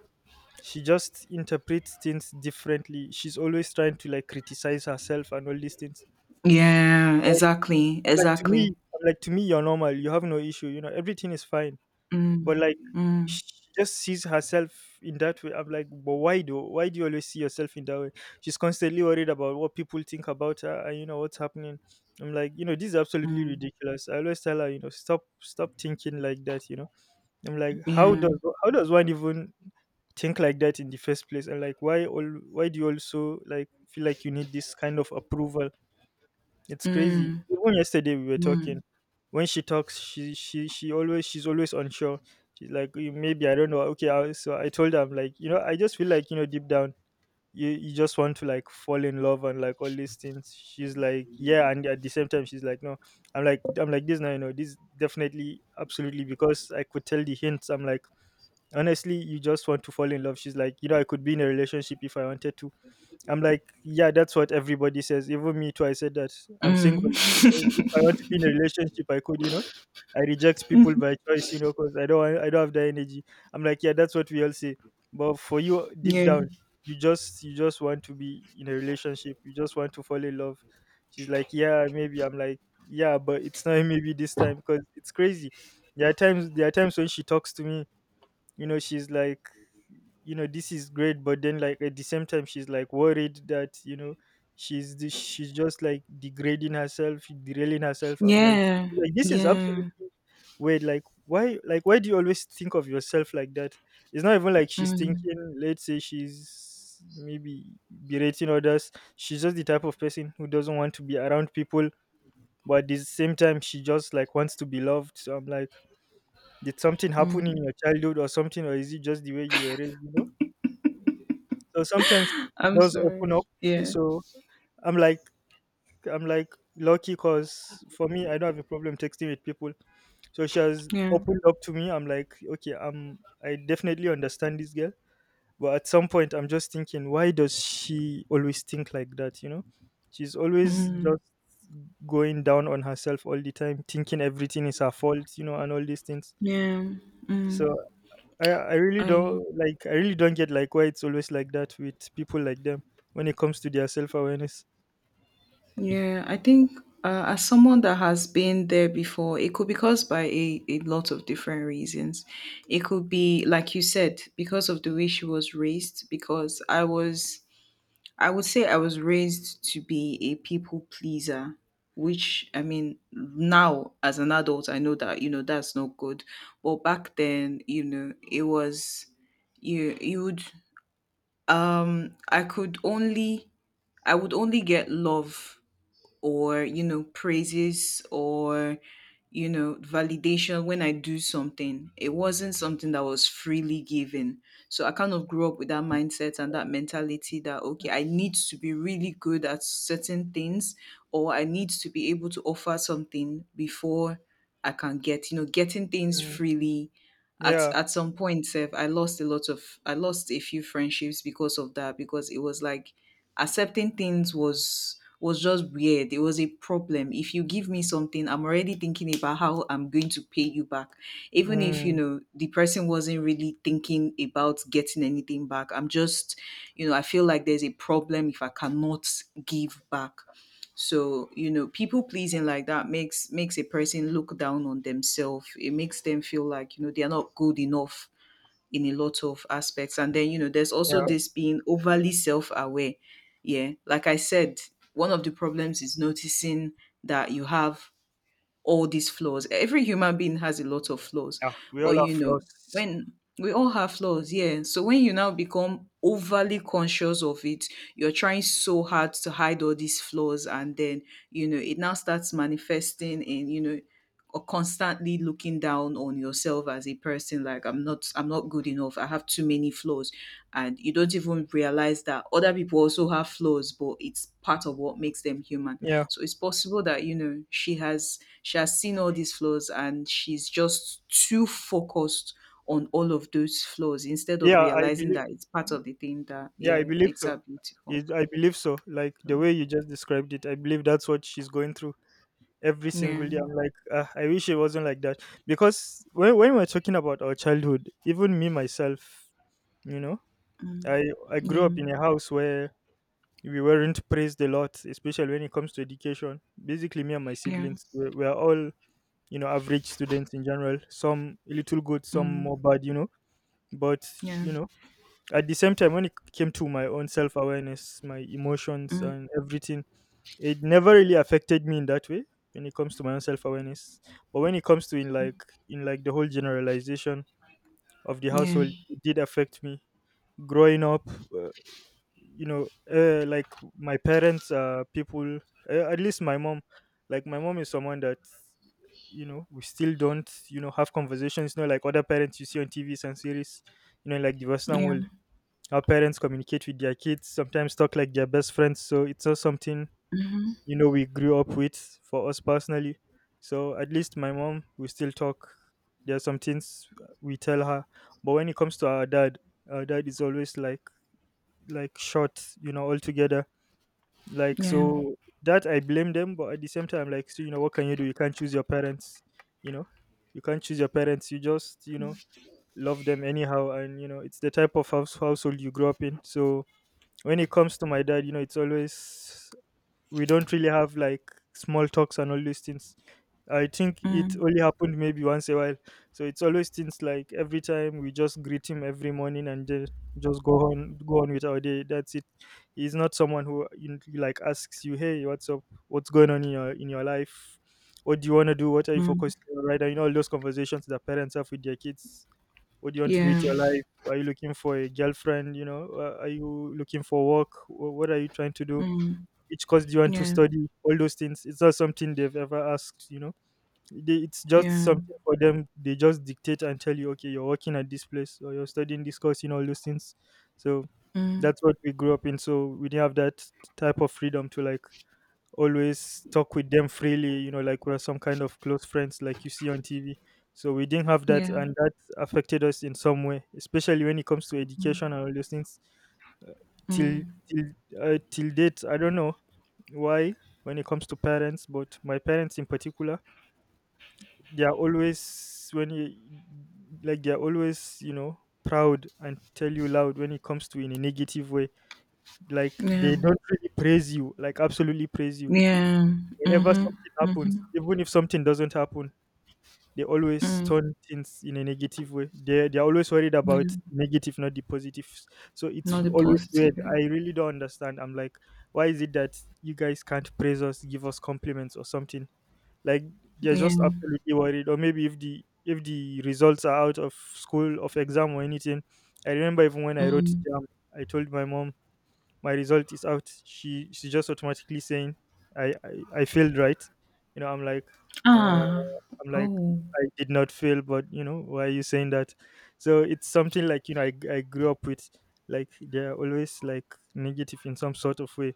she just interprets things differently. She's always trying to like criticize herself and all these things. yeah Like, exactly I'm like to exactly me, I'm like to me, you're normal. You have no issue. You know, everything is fine. mm, But like, mm, she just sees herself in that way. I'm like, but why do why do you always see yourself in that way? She's constantly worried about what people think about her and you know what's happening. I'm like, you know, this is absolutely mm, ridiculous. I always tell her, you know, stop stop thinking like that, you know. I'm like, how yeah does how does one even think like that in the first place? And like, why all why do you also like feel like you need this kind of approval? It's crazy. mm, Even yesterday we were talking. mm, When she talks, she she she always she's always unsure. She's like, "Eh, maybe I don't know. Okay, I, so I told her," I'm like, you know, I just feel like you know deep down, you you just want to like fall in love and like all these things. She's like, yeah, and at the same time, she's like, no. I'm like, I'm like this now. You know, this definitely, absolutely, because I could tell the hints. I'm like, honestly, you just want to fall in love. She's like, you know, I could be in a relationship if I wanted to. I'm like, yeah, that's what everybody says. Even me too. I said that I'm single. mm. If I want to be in a relationship, I could, you know. I reject people by choice, you know, because I don't, want- I don't have the energy. I'm like, yeah, that's what we all say. But for you, deep yeah down, you just, you just want to be in a relationship. You just want to fall in love. She's like, yeah, maybe. I'm like, yeah, but it's not maybe this time, because it's crazy. There are times, there are times when she talks to me, you know she's like, you know this is great, but then like, at the same time she's like worried that, you know she's the- she's just like degrading herself, derailing herself. I'm like yeah like this is absolutely yeah weird. Like, why like why do you always think of yourself like that? It's not even like she's mm, thinking, let's say, she's maybe berating others. She's just the type of person who doesn't want to be around people, but at the same time she just like wants to be loved. So I'm like, did something happen in mm. your childhood or something, or is it just the way you were raised? You know. So sometimes it I'm does sorry open up. yeah. So I'm like, I'm like lucky, because for me, I don't have a problem texting with people. So she has Yeah. opened up to me. I'm like, okay, I'm I definitely understand this girl. But at some point I'm just thinking, why does she always think like that? You know? She's always Mm. just going down on herself all the time, thinking everything is her fault, you know, and all these things. Yeah. So Mm. I I really I don't like I really don't get, like, why it's always like that with people like them when it comes to their self awareness. yeah, I think uh, as someone that has been there before, it could be caused by a, a lot of different reasons. It could be, like you said, because of the way she was raised, because I was, I would say I was raised to be a people pleaser, which I mean now as an adult I know that, you know, that's not good. But back then, you know, it was you you would um, i could only I would only get love, or you know praises or you know validation when I do something, it wasn't something that was freely given. So I kind of grew up with that mindset and that mentality that okay, I need to be really good at certain things, or I need to be able to offer something before I can get, you know getting things Mm, freely. at yeah. at some point Seth, I lost a lot of, I lost a few friendships because of that, because it was like accepting things was was just weird. It was a problem. If you give me something, I'm already thinking about how I'm going to pay you back. Even if, you Mm, know, the person wasn't really thinking about getting anything back. I'm just, you know, I feel like there's a problem if I cannot give back. So, you know, people pleasing like that makes makes a person look down on themselves. It makes them feel like, you know, they are not good enough in a lot of aspects. And then, you know, there's yeah. also this being overly self aware. Yeah. Like I said, one of the problems is noticing that you have all these flaws. Every human being has a lot of flaws, Yeah. We but all have you know, flaws. when we all have flaws, yeah. So when you now become overly conscious of it, you're trying so hard to hide all these flaws, and then you know it now starts manifesting in you know or constantly looking down on yourself as a person. Like, I'm not i'm not good enough, I have too many flaws, and you don't even realize that other people also have flaws, but it's part of what makes them human. Yeah. So it's possible that you know she has she has seen all these flaws and she's just too focused on all of those flaws instead of Yeah, I realizing believe that it's part of the thing that, yeah, I yeah, believe makes her so. beautiful. It, I believe so. Like the So way you just described it, I believe that's what she's going through every yeah. single day. I'm like, uh, I wish it wasn't like that. Because when when we're talking about our childhood, even me myself, you know, Mm, I I grew yeah, up in a house where we weren't praised a lot, especially when it comes to education. Basically, me and my yeah. siblings, we're, we're all, you know, average students in general. Some a little good, some Mm, more bad, you know. But, yeah. you know, at the same time, when it came to my own self awareness, my emotions, Mm, and everything, it never really affected me in that way when it comes to my own self awareness. But when it comes to in like, in like the whole generalization of the yeah, household, it did affect me growing up. uh, you know uh, like, my parents are people, uh, at least my mom, like my mom is someone that, you know we still don't, you know have conversations, you know like other parents you see on tvs and series, you know like the western yeah, world. Our parents communicate with their kids, sometimes talk like their best friends, so it's not something you know we grew up with for us personally. So at least my mom, we still talk. There are some things we tell her. But when it comes to our dad, our dad is always like, like short, you know altogether, like, yeah. so that I blame them, but at the same time, like so, you know, what can you do? You can't choose your parents, you know. You can't choose your parents. You just, you know, love them anyhow, and you know, it's the type of house household you grew up in. So when it comes to my dad, you know, it's always, we don't really have like small talks and all these things. I think it Mm, only happened maybe once a while. So it's always things like, every time we just greet him every morning and then just go on go on with our day. That's it. He's not someone who, you know, like, asks you, "Hey, what's up? What's going on in your in your life? What do you want to do? What are you mm, focused on? Right?" And you know all those conversations that parents have with their kids. What do you want to do yeah. with your life? Are you looking for a girlfriend? You know, uh, are you looking for work? Wh- What are you trying to do? Mm, Which course do you want to yeah, study? All those things. It's not something they've ever asked, you know. They, it's just yeah. something for them. They just dictate and tell you, okay, you're working at this place or you're studying this course, you know, all those things. So Mm, that's what we grew up in. So we didn't have that type of freedom to like always talk with them freely, you know, like we're some kind of close friends like you see on T V. So we didn't have that, yeah. and that affected us in some way, especially when it comes to education and all those things. Till Mm, till uh, Till date, I don't know why when it comes to parents, but my parents in particular, they are always when you like they are always, you know proud and tell you loud when it comes to in a negative way. Like, yeah, they don't really praise you, like absolutely praise you yeah. whenever Mm-hmm, something mm-hmm. happens. Even if something doesn't happen, they always Mm, turn things in a negative way. They they're always worried yeah. about negative, not the positives. So it's Not the always positive, weird. yeah. I really don't understand. I'm like, why is it that you guys can't praise us, give us compliments or something? Like, they're Yeah. just absolutely worried. Or maybe if the if the results are out of school, of exam, or anything. I remember even when I wrote Mm. jam, I told my mom my result is out. She she just automatically saying, i i, I failed, right? you know I'm like, uh, Ah. i'm like Oh. I did not fail, but you know why are you saying that? So it's something like, you know I I grew up with, like, they're always like negative in some sort of way,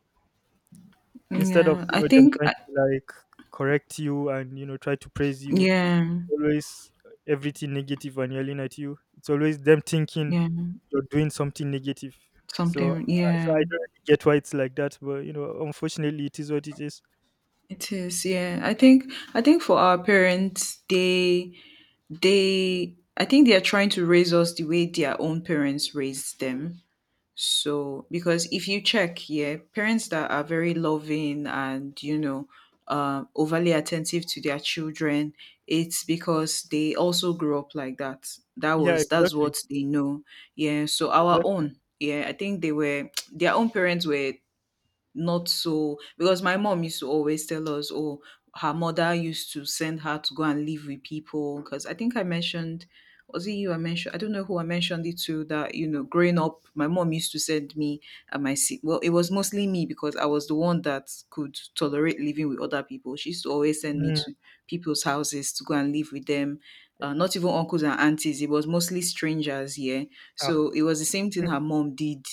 instead of, Yeah. you I know them think trying I, to like correct you, and you know try to praise you. yeah. Always everything negative and yelling at you. It's always them thinking Yeah. you're doing something negative. So, Something. I- so Yeah. I don't really get why it's like that, but you know, unfortunately, it is what it is. It is. Yeah. I think I think for our parents, they they I think they are trying to raise us the way their own parents raised them. So, because if you check, yeah, parents that are very loving and, you know, um, overly attentive to their children, it's because they also grew up like that. That Yeah, was, that's exactly, what they know. Yeah. So, our exactly. own, yeah, I think they were, their own parents were not. So because my mom used to always tell us, oh, her mother used to send her to go and live with people. Because I think I mentioned, was it you I mentioned? I don't know who I mentioned it to, that you know growing up, my mom used to send me and my si- well, it was mostly me because I was the one that could tolerate living with other people. She used to always send me Mm, to people's houses to go and live with them. yeah. Uh, not even uncles and aunties, it was mostly strangers, yeah. Ah. So it was the same thing her mom did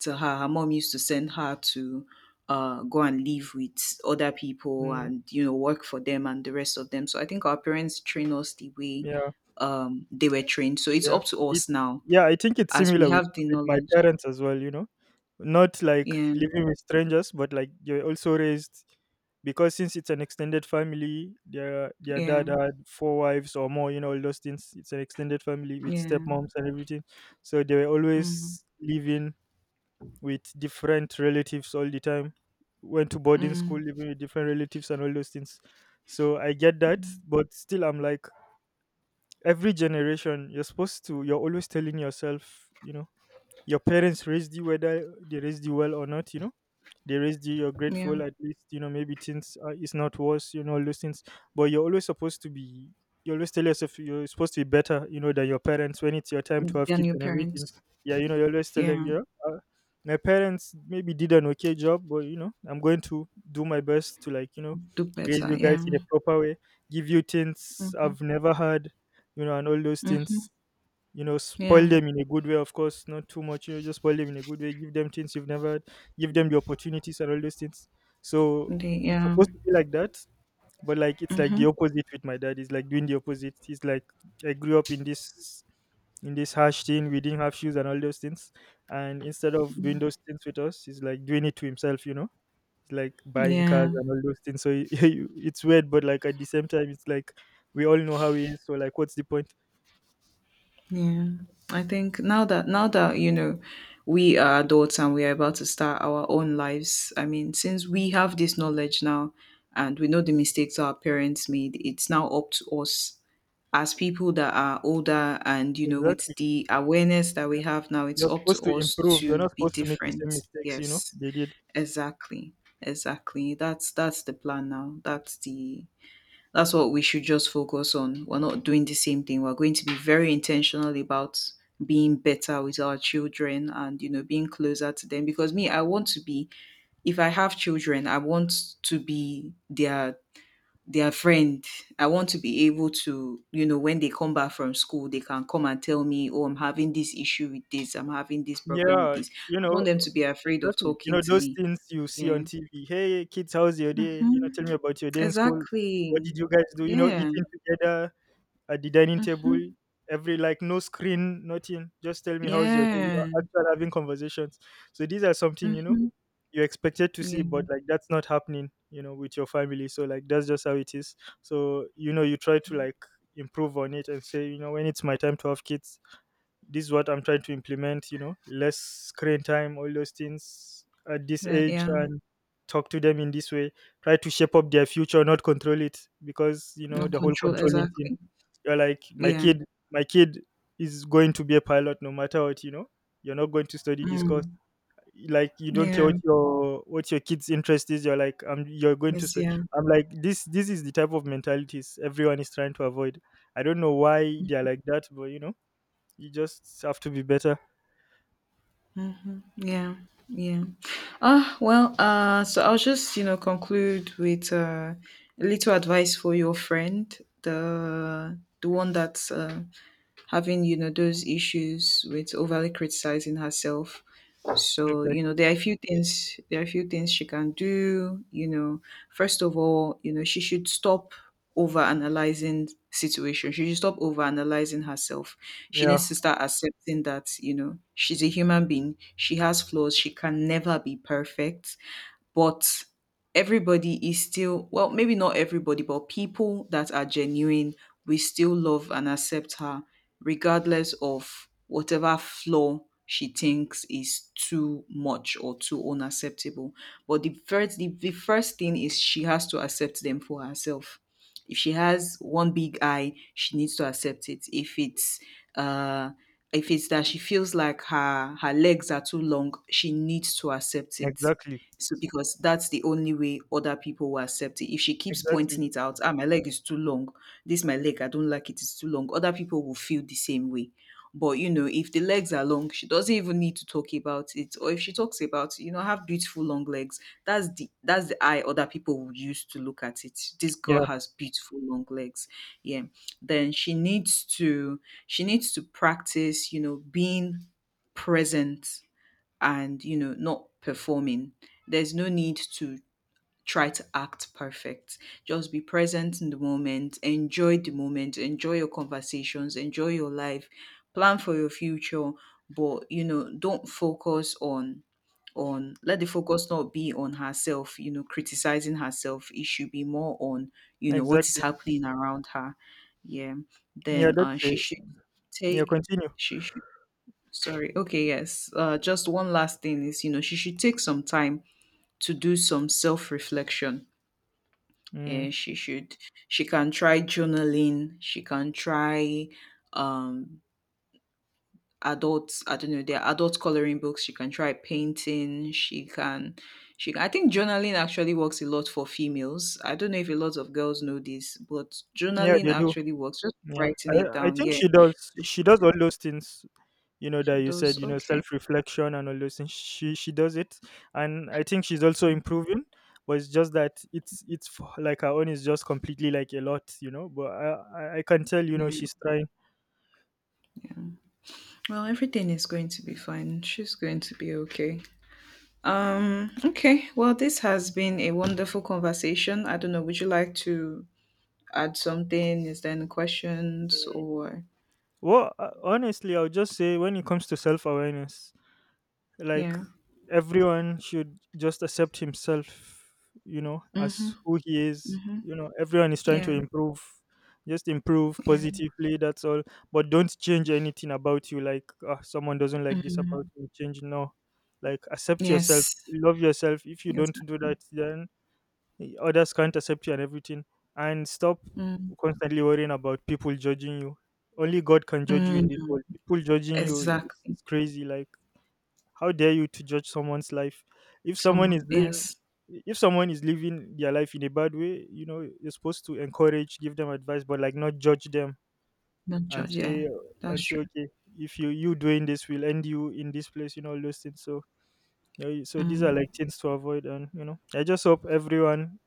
to her. Her mom used to send her to uh, go and live with other people Mm, and you know work for them and the rest of them. So I think our parents train us the way yeah. um, they were trained, so it's Yeah. up to It us now, yeah, I think it's as we similar have with, the with my knowledge. parents as well, you know. Not like Yeah, living with strangers, but like you're also raised because since it's an extended family, their their yeah, dad had four wives or more, you know, all those things. It's an extended family with yeah. stepmoms and everything. So they were Mm-hmm. always living with different relatives all the time. Went to boarding school, Mm, living with different relatives and all those things. So I get that, but still I'm like every generation you're supposed to you're always telling yourself, you know, your parents raised you whether they raised you well or not, you know, they raised you, you're yeah. grateful, at least you know maybe things uh, is not worse, you know, all those things. But you're always supposed to be, you always tell yourself you're supposed to be better, you know, than your parents when it's your time to have Than kids your and everything. parents. Yeah, you know, you always tell them, Yeah. yeah, uh, my parents maybe did an okay job, but you know I'm going to do my best to like, you know, Do raise better, you guys yeah. in a proper way, give you things Mm-hmm. I've never had, you know, and all those Mm-hmm. things. You know, spoil Yeah. them in a good way, of course, not too much, you know, just spoil them in a good way, give them things you've never had, give them the opportunities and all those things. So They, it's yeah. supposed to be like that, but like it's like the Mm-hmm. opposite with my dad. He's like doing the opposite. He's like I grew up in this, in this harsh thing, we didn't have shoes and all those things. And instead of doing those things with us, he's like doing it to himself, you know. It's like buying cars Yeah. and all those things. So it's weird, but like at the same time, it's like we all know how he is. So like, what's the point? Yeah, I think now that, now that you know, we are adults and we are about to start our own lives. I mean, since we have this knowledge now and we know the mistakes our parents made, it's now up to us, as people that are older and you know with Exactly. the awareness that Yeah. we have now, it's You're up to supposed to us improve. You're to not be supposed to make the same different. mistakes, you know, Yes, they did. exactly. Exactly. That's that's the plan now. That's the that's what we should just focus on. We're not doing the same thing. We're going to be very intentional about being better with our children and you know being closer to them. Because me, I want to be, if I have children I want to be their their friend. I want to be able to, you know, when they come back from school, they can come and tell me, oh, I'm having this issue with this, I'm having this problem with Yeah, this. you I don't want know, them to be afraid of exactly. You talking know, to those me. things you see Yeah. on T V. Hey, kids, how's your day? You know, Mhm. tell me about your day in school. What Exactly. did you guys do? You know, Yeah. eating together at the dining table. Mhm. Every like no screen, nothing. Just tell me how's your day. You know, Yeah. actually having conversations. So these are something, you know, Mhm. you expected to see, Yeah, but like that's not happening, you know, with your family, so like that's just how it is. So you know you try to like improve on it and say, you know, when it's my time to have kids, this is what I'm trying to implement, you know, less screen time, all those things at this right, age, yeah. and talk to them in this way, try to shape up their future, not control it, because you know No the whole control, controlling thing, exactly. you're like my Yeah. kid, my kid is going to be a pilot no matter what, you know, you're not going to study this course, Mm. like you don't care Yeah. what your what your kids interest is, you're like um you're going to Yes, say yeah. I'm like this this is the type of mentalities everyone is trying to avoid. I don't know why they're like that, but you know, you just have to be better. Yeah. Yeah. Ah, well, uh, so I'll just, you know, conclude with uh, a little advice for your friend, the the one that's uh, having, you know, those issues with overly criticizing herself. So, Okay. you know, there are a few things there are a few things she can do, you know. First of all, you know, she should stop overanalyzing situation. She should stop overanalyzing herself. She Yeah, needs to start accepting that, you know, she's a human being. She has flaws. She can never be perfect, but everybody is still, well, maybe not everybody, but people that are genuine, we still love and accept her regardless of whatever flaw she thinks is too much or too unacceptable. But the first the, the first thing is she has to accept them for herself. If she has one big eye, she needs to accept it. If it's uh if it's that she feels like her her legs are too long, she needs to accept it. exactly, So because that's the only way other people will accept it. If she keeps exactly. pointing it out, ah, my leg is too long. This my leg, I don't like it, it's too long. Other people will feel the same way. But you know, if the legs are long, she doesn't even need to talk about it. Or if she talks about, you know, have beautiful long legs, that's the that's the eye other people will use to look at it. This girl Yeah, has beautiful long legs. Yeah. Then she needs to She needs to practice, you know, being present and you know not performing. There's no need to try to act perfect. Just be present in the moment, enjoy the moment, enjoy your conversations, enjoy your life, plan for your future. But you know, don't focus on on let the focus not be on herself, you know criticizing herself. It should be more on, you know, what is exactly. happening around her. Yeah. Yeah, Then uh that's she it. should Yeah, take, continue. she should. Sorry. Okay, yes. Uh, just one last thing is, you know, she should take some time to do some self-reflection. Mm. Yeah, she should. She can try journaling. She can try um adults. I don't know. There are adult coloring books. She can try painting. She can. She. Can, I think journaling actually works a lot for females. I don't know if a lot of girls know this, but Yeah, journaling they do. actually works. Just Yeah, I writing it I down. think Yeah. she does. So She she does all those things, you know, she that you said, does. you know, Okay. self reflection and all those things. She she does it, and I think she's also improving. But it's just that it's it's f- like her own is just completely like a lot, you know. But I I I can tell, you know, Yeah. she's trying. Well, everything is going to be fine. She's going to be okay. Um, okay. Well, this has been a wonderful conversation. I don't know, would you like to add something? Is there any questions or Well, uh, honestly, I would just say when it comes to self awareness, like yeah? everyone should just accept himself, you know, Mm, as who he is. You know, everyone is trying to yeah. improve, just improve Yeah. positively, that's all. But don't change anything about you, like "Ah, someone doesn't like this about me, change," no, like accept yourself, Yes. love yourself. If you don't do Exactly. that, then others can't accept you and everything. And stop Mm, constantly worrying about people judging you, only god can judge you in this mm, world, people judging you is, exactly. is crazy, like how dare you to judge someone's life? If someone Someone. is doing, Yes. if someone is living their life in a bad way, you know, you're supposed to encourage, give them advice, but like not judge them Not and judge. Yeah. say, That's and say, true. okay, if you you doing this will end you in this place, you know, all those things. So, yeah, you- so these are Mm, like things to avoid, and you know, I just hope everyone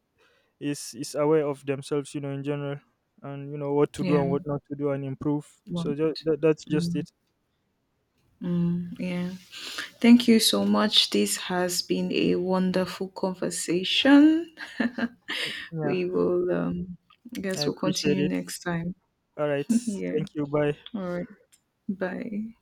is is aware of themselves, you know, in general, and you know what to do yeah. and what not to do and improve. So One. just, that, that's just it. Mm, yeah. Thank you so much. This has been a wonderful conversation. Yeah, We will um I I guess we'll appreciate continue it. next time. All right, Yeah. thank you. Bye. All right. Bye.